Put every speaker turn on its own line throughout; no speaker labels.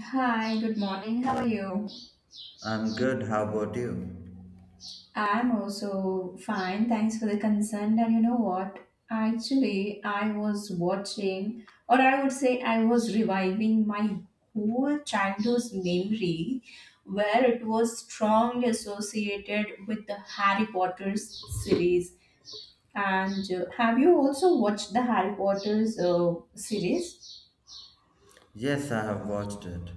Hi, good morning. How are you?
I'm good. How about you?
I'm also fine. Thanks for the concern. And you know what? Actually, I was watching, or I would say, I was reviving my whole childhood's memory where it was strongly associated with the Harry Potter's series. And Have you also watched the Harry Potter's series?
Yes, I have watched it.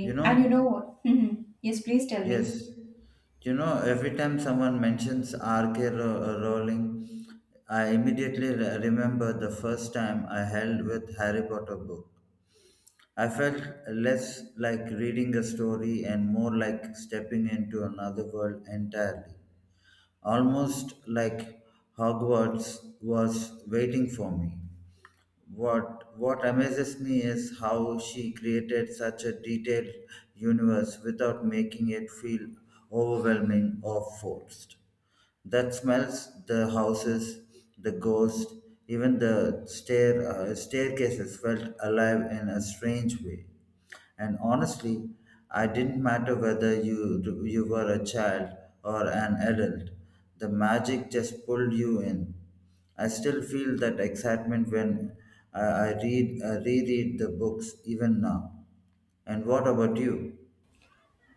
You
And you know
know,
what? Yes, please tell me.
yes. You know, every time someone mentions Rowling, I immediately remember the first time I held with Harry Potter book. I felt less like reading a story and more like stepping into another world entirely. Almost like Hogwarts was waiting for me. What amazes me is how she created such a detailed universe without making it feel overwhelming or forced. That smells the houses, the ghost, even the staircases felt alive in a strange way. And honestly, I didn't matter whether you were a child or an adult. The magic just pulled you in. I still feel that excitement when I read reread the books even now. And what about you?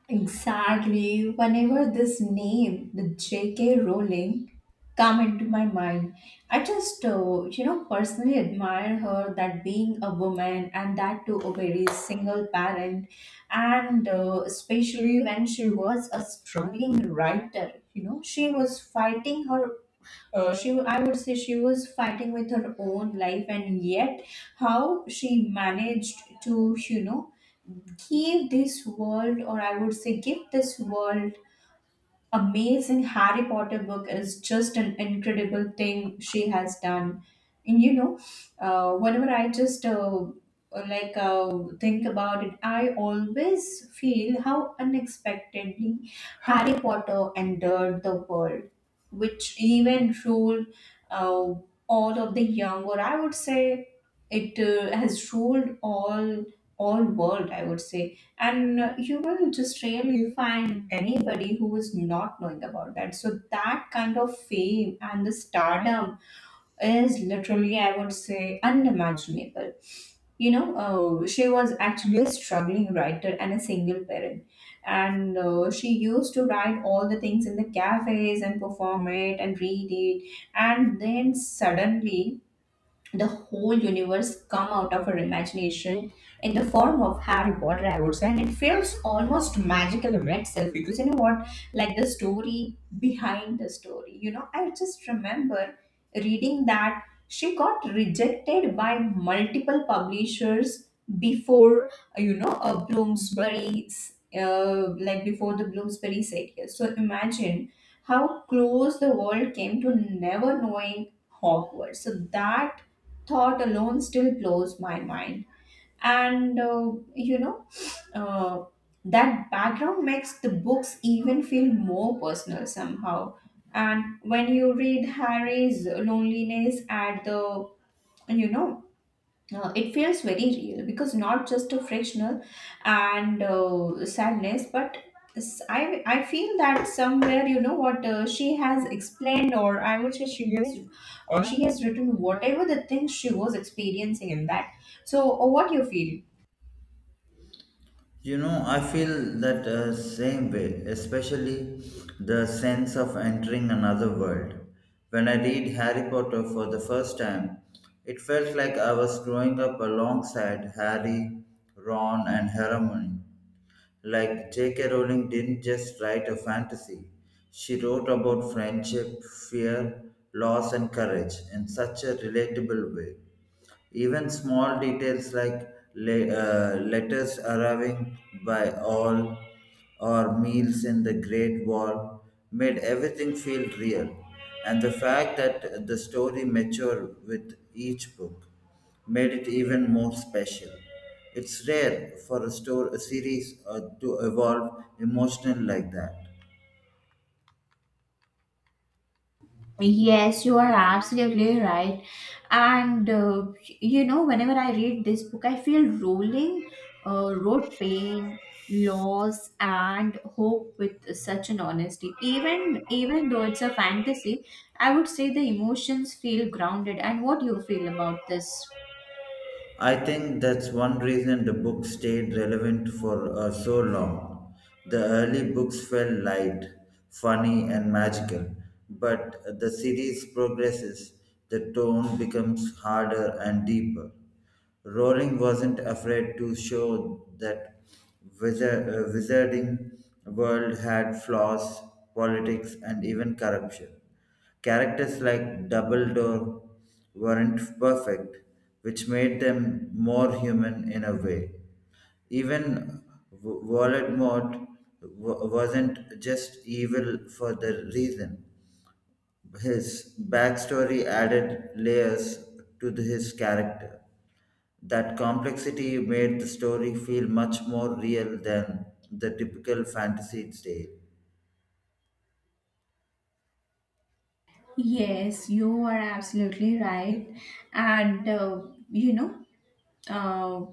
Exactly. Whenever this name, the J.K. Rowling, come into my mind, I just, you know, personally admire her that being a woman and that to a very single parent, and especially when she was a struggling writer. You know, she was fighting her. She, I would say, she was fighting with her own life, and yet how she managed to, you know, give this world or I would say give this world amazing Harry Potter book is just an incredible thing she has done. And you know, whenever I just like uh, think about it, I always feel how unexpectedly Harry Potter entered the world, which even ruled uh, all of the young, or I would say it has ruled all world, I would say. And You will just really find anybody who is not knowing about that. So that kind of fame and the stardom is literally, I would say, unimaginable. You know, she was actually a struggling writer and a single parent, and she used to write all the things in the cafes and perform it and read it, and then suddenly the whole universe come out of her imagination in the form of Harry Potter, I would say. And it feels almost magical in itself, because you know what? Like the story behind the story, you know, I just remember reading that she got rejected by multiple publishers before, you know, a Bloomsbury, like before the Bloomsbury said yes. So imagine how close the world came to never knowing Hogwarts. So that thought alone still blows my mind. And uh, you know, uh, that background makes the books even feel more personal somehow. And when you read Harry's loneliness at the, you know, it feels very real because not just a frictional and sadness, but I, feel that somewhere, you know what, she has explained, or I would say she has written whatever the things she was experiencing in that. So what you feel?
You know, I feel that same way, especially the sense of entering another world. When I read Harry Potter for the first time, it felt like I was growing up alongside Harry, Ron, and Hermione. Like J.K. Rowling didn't just write a fantasy, she wrote about friendship, fear, loss, and courage in such a relatable way. Even small details like letters arriving by all or meals in the Great Wall made everything feel real. And the fact that the story matured with each book made it even more special. It's rare for a series to evolve emotional like that.
Yes, you are absolutely right. And You know, whenever I read this book, I feel rolling road pain, loss, and hope with such an honesty. Even though it's a fantasy, I would say the emotions feel grounded. And what do you feel about this?
I think that's one reason the book stayed relevant for so long. The early books felt light, funny, and magical, but the series progresses, the tone becomes harder and deeper. Rowling wasn't afraid to show that wizarding world had flaws, politics, and even corruption. Characters like Dumbledore weren't perfect, which made them more human in a way. Even Voldemort wasn't just evil for the reason. His backstory added layers to his character. That complexity made the story feel much more real than the typical fantasy tale.
Yes, you are absolutely right. And uh, you know, uh,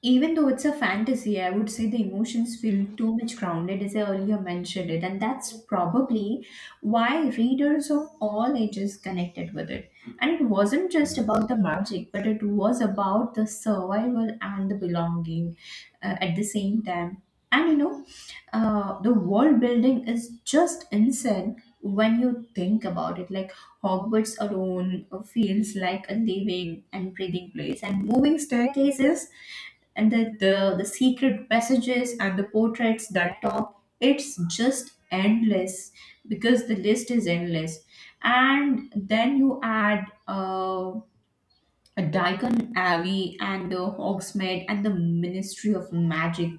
Even though it's a fantasy, I would say the emotions feel too much grounded, as I earlier mentioned it, and that's probably why readers of all ages connected with it. And it wasn't just about the magic, but it was about the survival and the belonging at the same time. And you know, the world building is just insane when you think about it. Like Hogwarts alone feels like a living and breathing place, and moving staircases and the secret passages and the portraits that top it's just endless because the list is endless. And then you add Daikon Abbey and the Hogsmeade and the Ministry of Magic.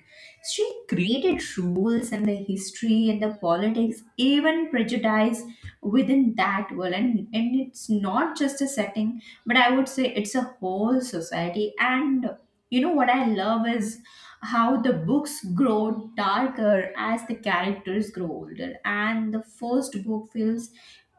She created rules and the history and the politics, even prejudice within that world. And it's not just a setting, but I would say it's a whole society. And you know what I love is how the books grow darker as the characters grow older. And the first book feels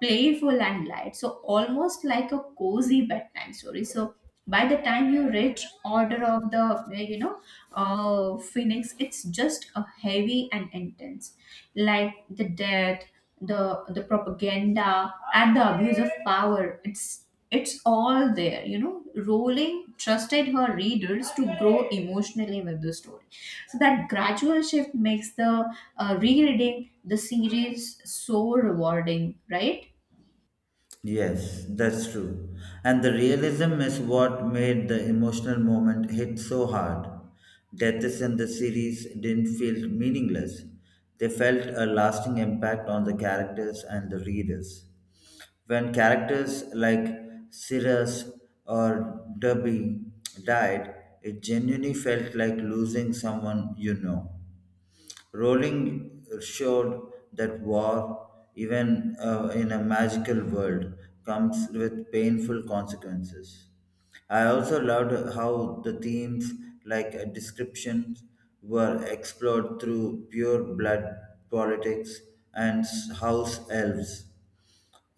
playful and light, So almost like a cozy bedtime story. So by the time you reach Order of the you know Phoenix, it's just a heavy and intense, like the death, the propaganda and the abuse of power, it's all there. You know, Rowling trusted her readers to grow emotionally with the story, so that gradual shift makes the rereading the series so rewarding, right?
Yes, that's true. And the realism is what made the emotional moment hit so hard. Deaths in the series didn't feel meaningless, they felt a lasting impact on the characters and the readers. When characters like Cyrus or Derby died, it genuinely felt like losing someone you know. Rowling showed that war, even in a magical world, comes with painful consequences. I also loved how the themes like descriptions were explored through pure blood politics and house elves.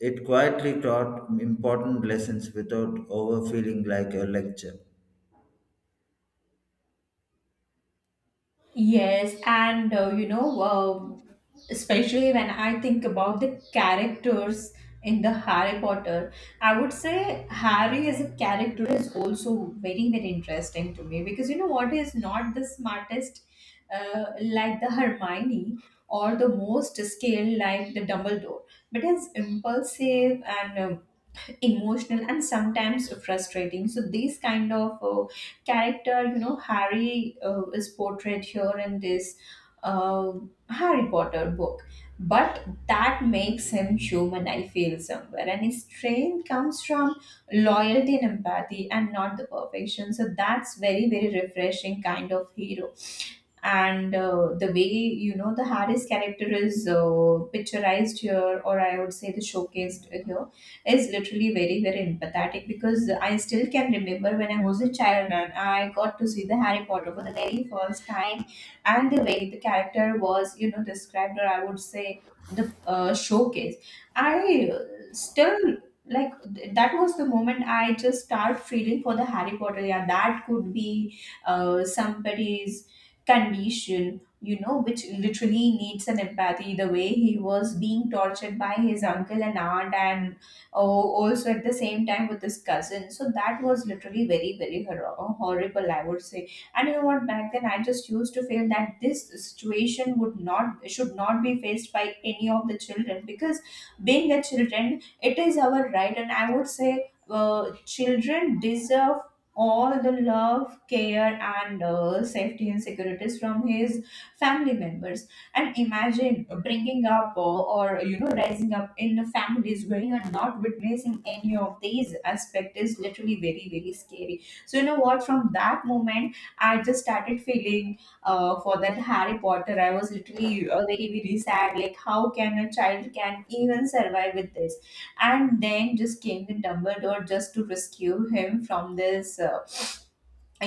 It quietly taught important lessons without overfeeling like a lecture.
Yes, and especially when I think about the characters in the Harry Potter, I would say Harry as a character is also very, very interesting to me, because you know what, he is not the smartest, like the Hermione, or the most skilled like the Dumbledore, but he's impulsive and emotional and sometimes frustrating. So these kind of character, you know, Harry is portrayed here in this uh, Harry Potter book. But that makes him human, I feel somewhere, and his strength comes from loyalty and empathy and not the perfection. So that's very, very refreshing kind of hero. And the way, you know, the Harris character is picturized here, or I would say the showcased here, is literally very, very empathetic. Because I still can remember when I was a child and I got to see the Harry Potter for the very first time, and the way the character was, you know, described, or I would say the showcase, I still, like th- that was the moment I just start feeling for the Harry Potter. Yeah, that could be somebody's condition, you know, which literally needs an empathy. The way he was being tortured by his uncle and aunt, and oh, also at the same time with his cousin. So that was literally very, very horrible, I would say. And you know what? Back then, I just used to feel that this situation would not, should not be faced by any of the children, because being a children, it is our right, and I would say. Children deserve all the love, care, and safety and securities from his family members. And imagine bringing up or, you know, rising up in families where you are not witnessing any of these aspects is literally very, very scary. So you know what? From that moment, I just started feeling for that Harry Potter. I was literally very, very sad. Like how can a child can even survive with this? And then just came the Dumbledore just to rescue him from this, uh,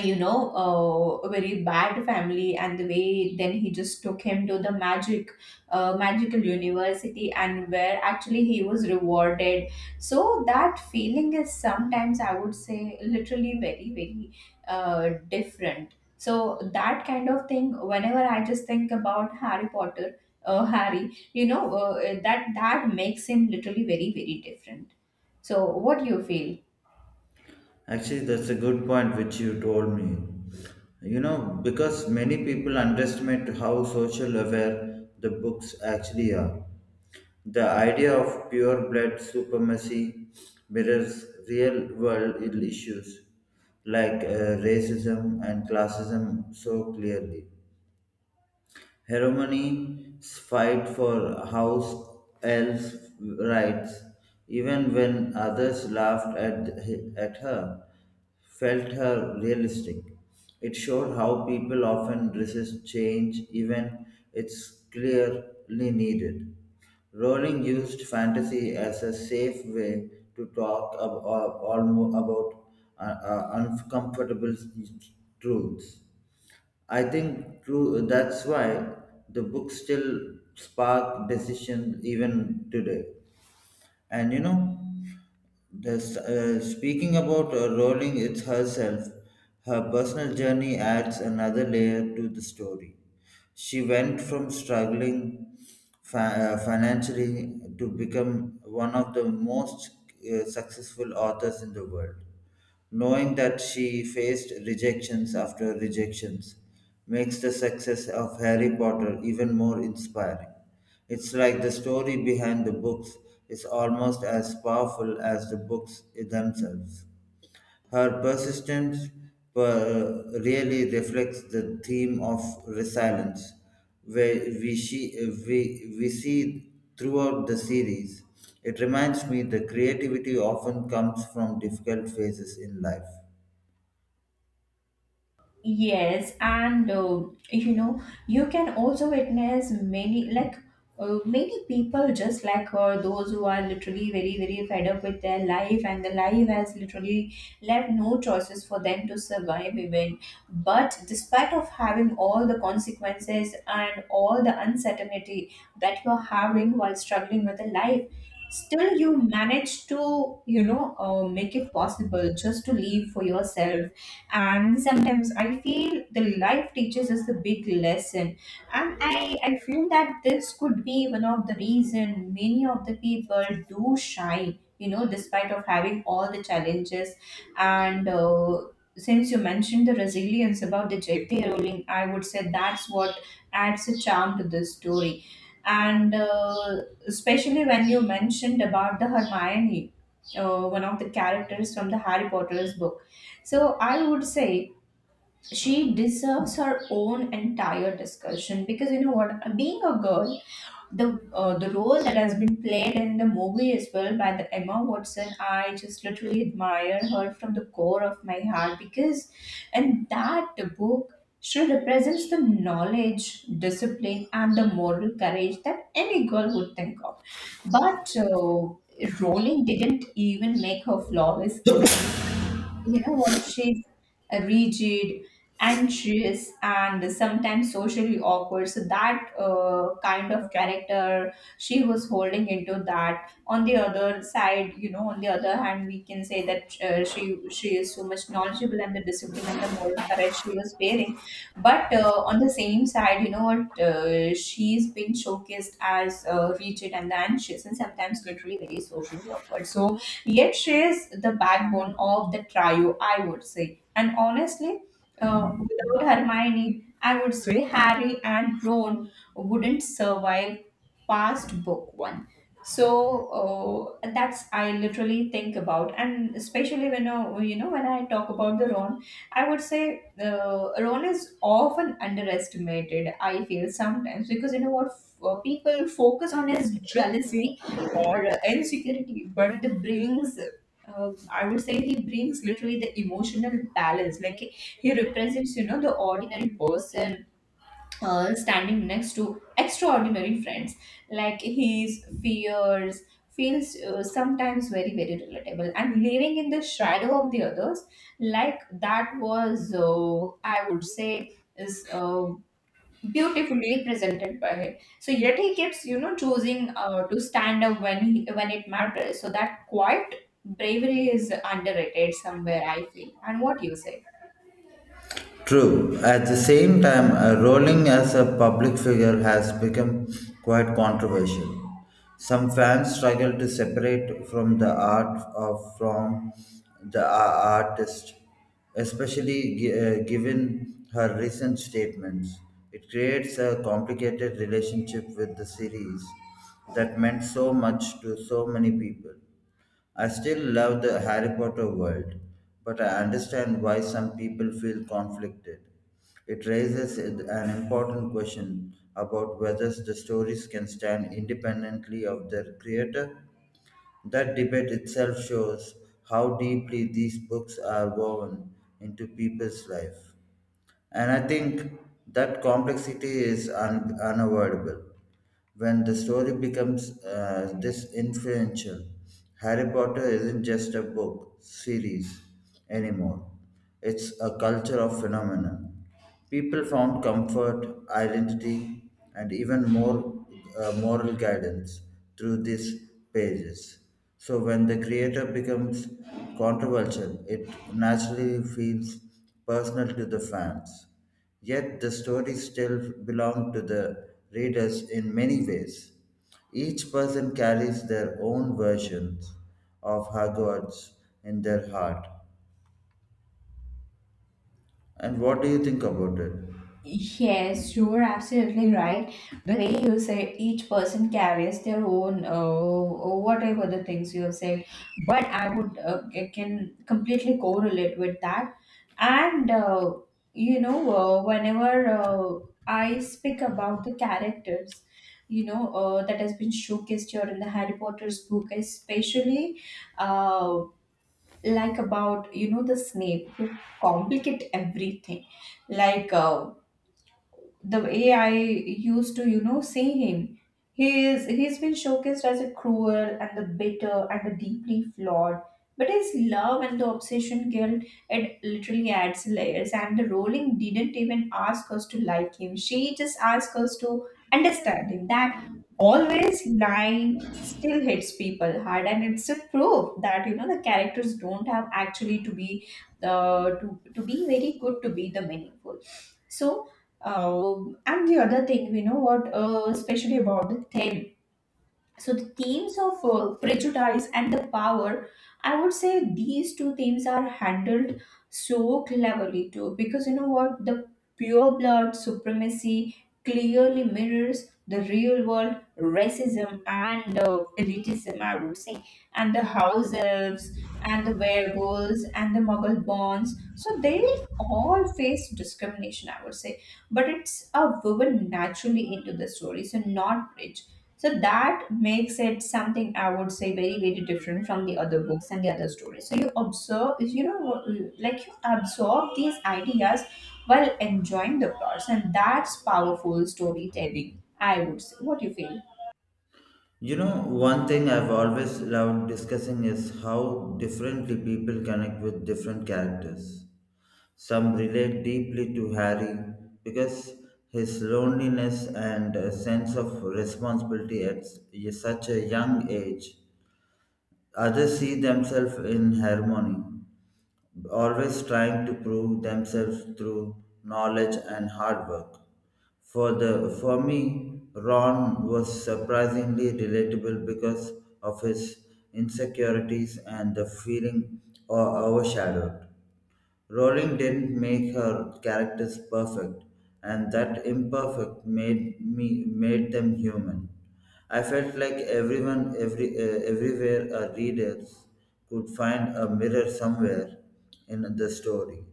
you know, uh, a very bad family, and the way then he just took him to the magic, magical university, and where actually he was rewarded. So that feeling is sometimes, I would say, literally very, very different. So that kind of thing, whenever I just think about Harry Potter, Harry, you know, that makes him literally very, very different. So what do you feel?
Actually, that's a good point which you told me. You know, because many people underestimate how social aware the books actually are. The idea of pure blood supremacy mirrors real world issues like racism and classism so clearly. Hermione's fight for house elf rights, even when others laughed at her, felt her realistic. It showed how people often resist change even it's clearly needed. Rowling used fantasy as a safe way to talk about uncomfortable truths. I think true. That's why the book still spark decisions even today. And you know, the speaking about Rowling it's herself, her personal journey adds another layer to the story. She went from struggling financially to become one of the most successful authors in the world. Knowing that she faced rejections after rejections makes the success of Harry Potter even more inspiring. It's like the story behind the books is almost as powerful as the books themselves. Her persistence really reflects the theme of resilience, where we see throughout the series. It reminds me the creativity often comes from difficult phases in life.
Yes, and you can also witness many like many people just like her, those who are literally very, very fed up with their life, and the life has literally left no choices for them to survive even. But despite of having all the consequences and all the uncertainty that you're having while struggling with the life, still you manage to, you know, make it possible just to live for yourself. And sometimes I feel the life teaches us the big lesson, and I feel that this could be one of the reason many of the people do shine, you know, despite of having all the challenges. And since you mentioned the resilience about the JP Rolling, I would say that's what adds a charm to this story. And especially when you mentioned about the Hermione, one of the characters from the Harry Potter's book, so I would say she deserves her own entire discussion. Because you know what, being a girl, the role that has been played in the movie as well by the Emma Watson, I just literally admire her from the core of my heart, because, and that book, she represents the knowledge, discipline, and the moral courage that any girl would think of. But Rowling didn't even make her flawless either. You know what, she's rigid, anxious, and sometimes socially awkward. So that kind of character she was holding into that. On the other side, you know, on the other hand, we can say that she is so much knowledgeable, and the discipline and the moral courage she was bearing. But on the same side, you know what, she's been showcased as rigid and the anxious, and sometimes literally very socially awkward. So yet she is the backbone of the trio, I would say. And honestly, without Hermione, I would say Harry and Ron wouldn't survive past book one. So that's I literally think about. And especially when, you know, when I talk about the Ron, I would say Ron is often underestimated. I feel sometimes because people focus on his jealousy or insecurity but the brings I would say he brings literally the emotional balance like he represents you know the ordinary person standing next to extraordinary friends like his fears feels sometimes very very relatable and living in the shadow of the others like that was I would say is beautifully presented by him. So yet he keeps you know choosing to stand up when it matters, so that quiet bravery is underrated somewhere, I feel. And what you say?
True. At the same time, Rowling as a public figure has become quite controversial. Some fans struggle to separate from the art of from the a- artist, especially given her recent statements. It creates a complicated relationship with the series that meant so much to so many people. I still love the Harry Potter world, but I understand why some people feel conflicted. It raises an important question about whether the stories can stand independently of their creator. That debate itself shows how deeply these books are woven into people's life. And I think that complexity is unavoidable. When the story becomes this influential, Harry Potter isn't just a book series anymore. It's a culture of phenomenon. People found comfort, identity, and even more moral guidance through these pages. So when the creator becomes controversial, it naturally feels personal to the fans. Yet the stories still belong to the readers in many ways. Each person carries their own versions of Hogwarts in their heart. And what do you think about it?
Yes, you are absolutely right. The way you said each person carries their own, or whatever the things you have said, but I can completely correlate with that. And you know, whenever I speak about the characters, you know, that has been showcased here in the Harry Potter's book, especially uh, like about you know the Snape who complicate everything, like. Uh, the way I used to, you know, see him. He's been showcased as a cruel and the bitter and the deeply flawed. But his love and the obsession guilt, it literally adds layers. And the Rowling didn't even ask us to like him. She just asked us to understand him. That always line still hits people hard, and it's a proof that you know the characters don't have actually to be to be very good to be the meaningful. So and the other thing, we know what, especially about the thin, so the themes of prejudice and the power, I would say these two themes are handled so cleverly too, because you know what the pure blood supremacy clearly mirrors the real world racism and elitism, I would say, and the house elves and the werewolves and the muggle bonds. So they all face discrimination, I would say, but it's a woven naturally into the story, so not bridge, so that makes it something I would say very, very different from the other books and the other stories. So you observe, you know, like you absorb these ideas while enjoying the plots, and that's powerful storytelling, I would say. What do you feel?
You know, one thing I've always loved discussing is how differently people connect with different characters. Some relate deeply to Harry because his loneliness and sense of responsibility at such a young age. Others see themselves in harmony, always trying to prove themselves through knowledge and hard work. For me, Ron was surprisingly relatable because of his insecurities and the feeling overshadowed. Rowling didn't make her characters perfect, and that imperfect made them human. I felt like everyone, every everywhere, our readers could find a mirror somewhere in the story.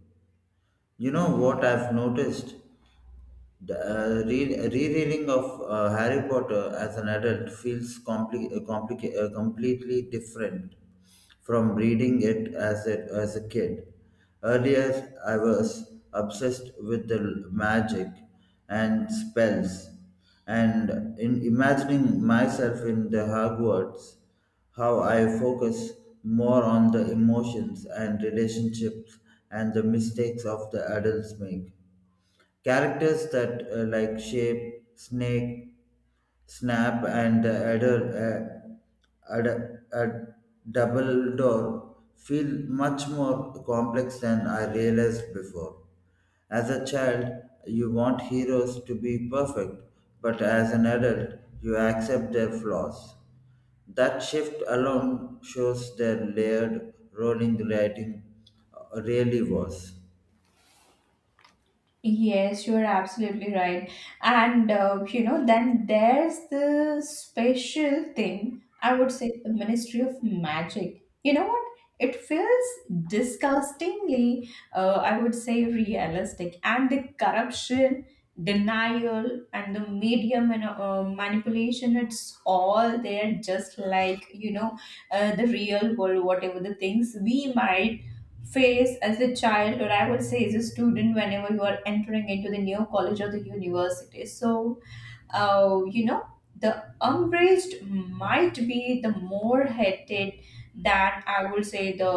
You know what I've noticed? The rereading of Harry Potter as an adult feels completely different from reading it as as a kid. Earlier, I was obsessed with the magic and spells, and in imagining myself in the Hogwarts, how I focus more on the emotions and relationships and the mistakes of the adults make. Characters that like Snap, and uh, Adder, Double Door feel much more complex than I realized before. As a child, you want heroes to be perfect, but as an adult, you accept their flaws. That shift alone shows their layered role in the writing really was.
Yes, you are absolutely right. And You know, then there's the special thing, I would say the Ministry of Magic. You know what? It feels disgustingly, I would say, realistic. And the corruption, denial, and the manipulation, it's all there, just like, you know, the real world, whatever the things we might phase as a child, or I would say as a student whenever you are entering into the new college or the university. So you know, the umbraged might be the more hated than I would say the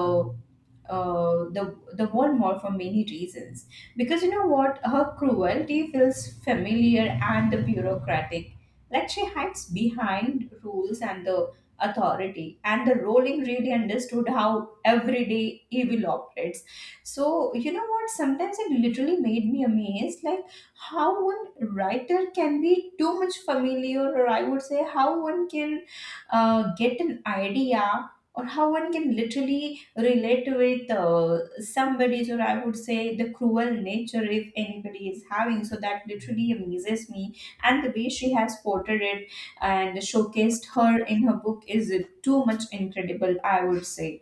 uh, the the world more for many reasons. Because you know what, her cruelty feels familiar and the bureaucratic. Like she hides behind rules and the authority. And the Rowling really understood how everyday evil operates. So you know what? Sometimes it literally made me amazed, like how one writer can be too much familiar, or I would say how one can get an idea, or how one can literally relate with somebody's, or I would say the cruel nature if anybody is having. So that literally amazes me, and the way she has portrayed it and showcased her in her book is too much incredible, I would say.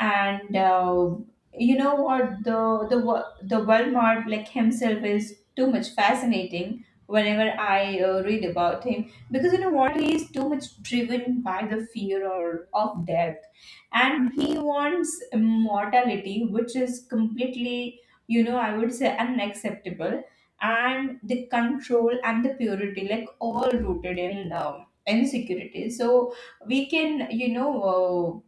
And You know what, the Walmart like himself is too much fascinating whenever I read about him, because you know what, he is too much driven by the fear or of death, and he wants immortality, which is completely, you know, I would say unacceptable. And the control and the purity like all rooted in insecurity. So we can, you know,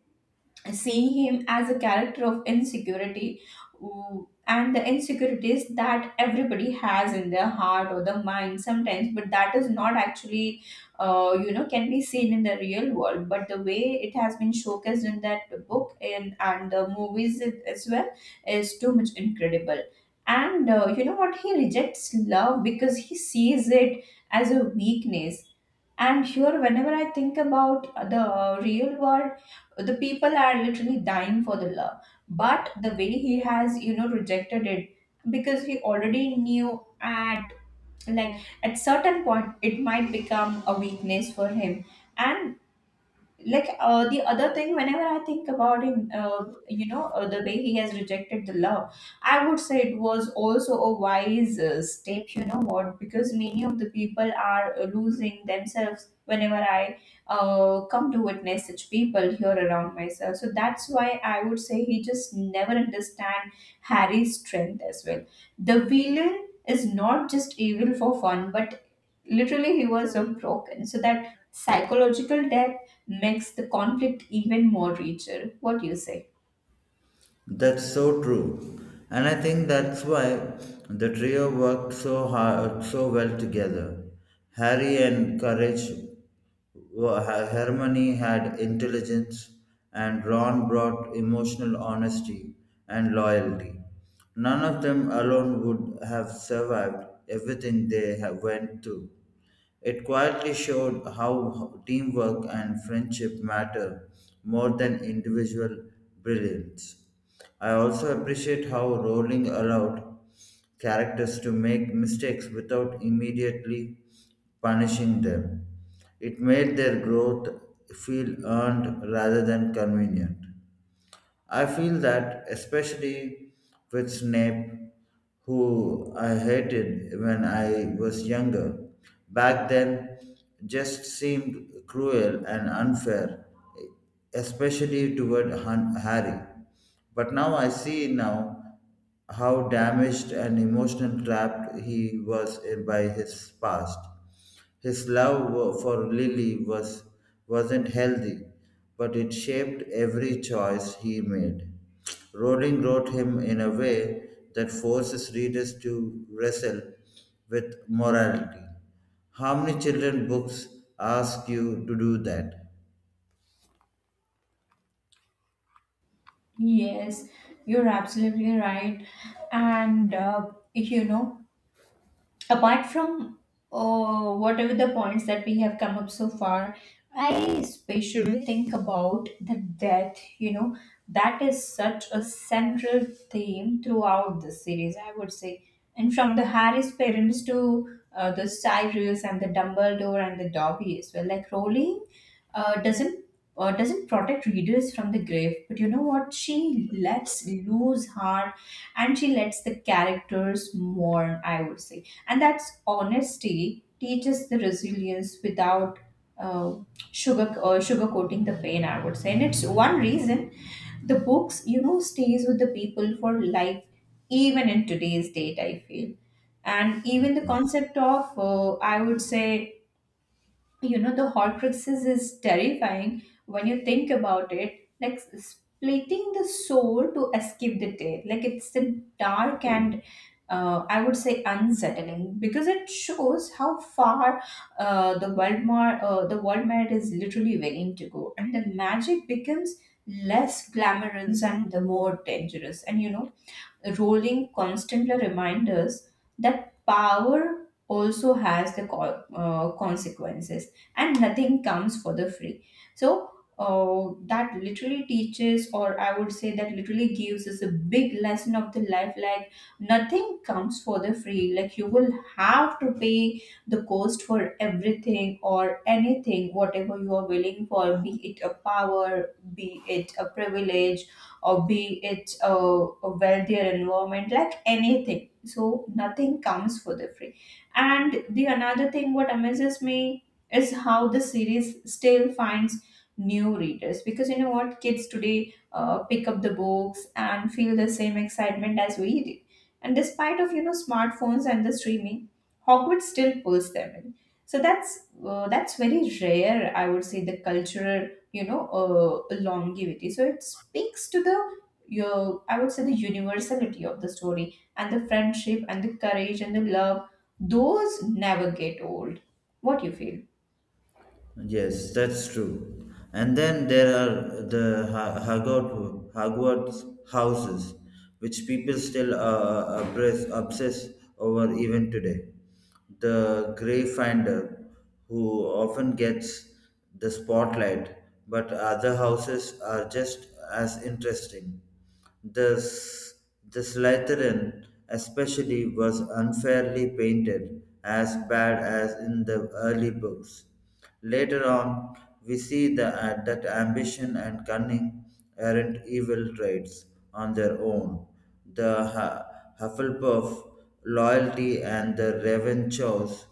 seeing him as a character of insecurity, and the insecurities that everybody has in their heart or the mind sometimes, but that is not actually, you know, can be seen in the real world, but the way it has been showcased in that book and the movies as well is too much incredible. And You know what, he rejects love because he sees it as a weakness. And here whenever I think about the real world, the people are literally dying for the love, but the way he has, you know, rejected it, because he already knew at, like, at certain point it might become a weakness for him. And like, the other thing whenever I think about him, you know, the way he has rejected the love, I would say it was also a wise step, you know what, because many of the people are losing themselves whenever I come to witness such people here around myself. So that's why I would say he just never understand Harry's strength as well. The villain is not just evil for fun, but literally he was so broken, so that psychological depth makes the conflict even more richer. What do you say?
That's so true. And I think that's why the trio worked so hard, so well together. Harry and Courage, were- Ha- Hermione had intelligence, and Ron brought emotional honesty and loyalty. None of them alone would have survived everything they have went through. It quietly showed how teamwork and friendship matter more than individual brilliance. I also appreciate how Rowling allowed characters to make mistakes without immediately punishing them. It made their growth feel earned rather than convenient. I feel that especially with Snape, who I hated when I was younger. Back then, just seemed cruel and unfair, especially toward Harry. But now I see now how damaged and emotional trapped he was by his past. His for Lily wasn't healthy, but it shaped every choice he made. Rowling wrote him in a way that forces readers to wrestle with morality. How many children's books ask you to do that?
Yes, you're absolutely right. And You know, apart from whatever the points that we have come up so far, I especially think about the death, you know, that is such a central theme throughout the series, I would say. And from the Harry's parents to the Cyrus and the Dumbledore and the Dobby as well, like Rowling uh, doesn't doesn't protect readers from the grave, but you know what, she lets loose her and she lets the characters mourn, I would say. And that's honesty teaches the resilience without uh, sugarcoating the pain, I would say. And it's one reason the books, you know, stays with the people for life, even in today's date, I feel. And even the concept of, I would say, you know, the horcruxes is terrifying when you think about it, like splitting the soul to escape the day, like it's the dark and I would say unsettling, because it shows how far the world merit is literally willing to go, and the magic becomes less glamorous and the more dangerous. And you know, Rolling constantly reminds us that power also has the consequences, and nothing comes for the free. So, that literally teaches, or I would say that literally gives us a big lesson of the life, like nothing comes for the free. Like, you will have to pay the cost for everything or anything, whatever you are willing for, be it a power, be it a privilege, or be it a wealthier environment, like anything. So nothing comes for the free. And the another thing what amazes me is how the series still finds new readers, because you know what, kids today pick up the books and feel the same excitement as we did. And despite of, you know, smartphones and the streaming, Hogwarts still pulls them in. So that's very rare, I would say, the cultural, you know, longevity. So it speaks to the your, I would say, the universality of the story, and the friendship and the courage and the love, those never get old. What you feel?
Yes, that's true. And then there are the Hogwarts houses, which people still obsess over even today. The Greyfinder, who often gets the spotlight, but other houses are just as interesting. The, S- the Slytherin, especially, was unfairly painted as bad as in the early books. Later on, we see that ambition and cunning aren't evil traits on their own. The Hufflepuff loyalty and the Ravenchaw's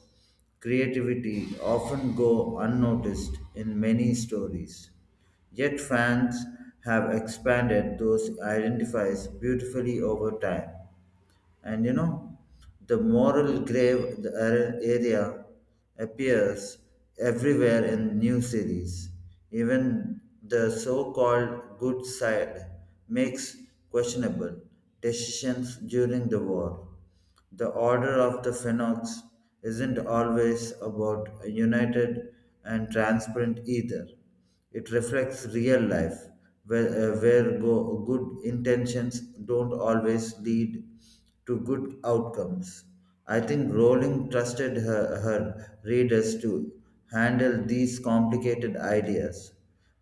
creativity often go unnoticed in many stories. Yet fans have expanded those identifies beautifully over time. And you know, the moral grave area appears everywhere in new series. Even the so-called good side makes questionable decisions during the war. The order of the phenox isn't always about a united and transparent either. It reflects real life, good intentions don't always lead to good outcomes. I think Rowling trusted her readers to handle these complicated ideas.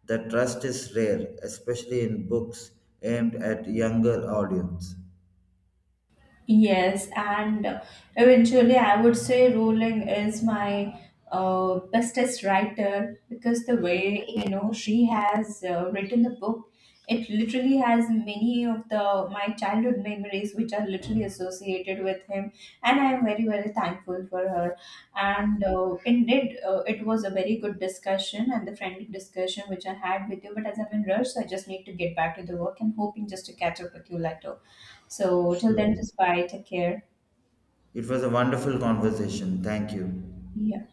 The trust is rare, especially in books aimed at younger audience.
Yes, and eventually I would say Rowling is my bestest writer, because the way you know she has written the book, it literally has many of the my childhood memories which are literally associated with him, and I am very very thankful for her. And indeed It was a very good discussion and the friendly discussion which I had with you, but as I'm in rush, so I just need to get back to the work and hoping just to catch up with you later. So till then,
Sure.
just bye, take care.
It was a wonderful conversation. Thank you.
Yeah.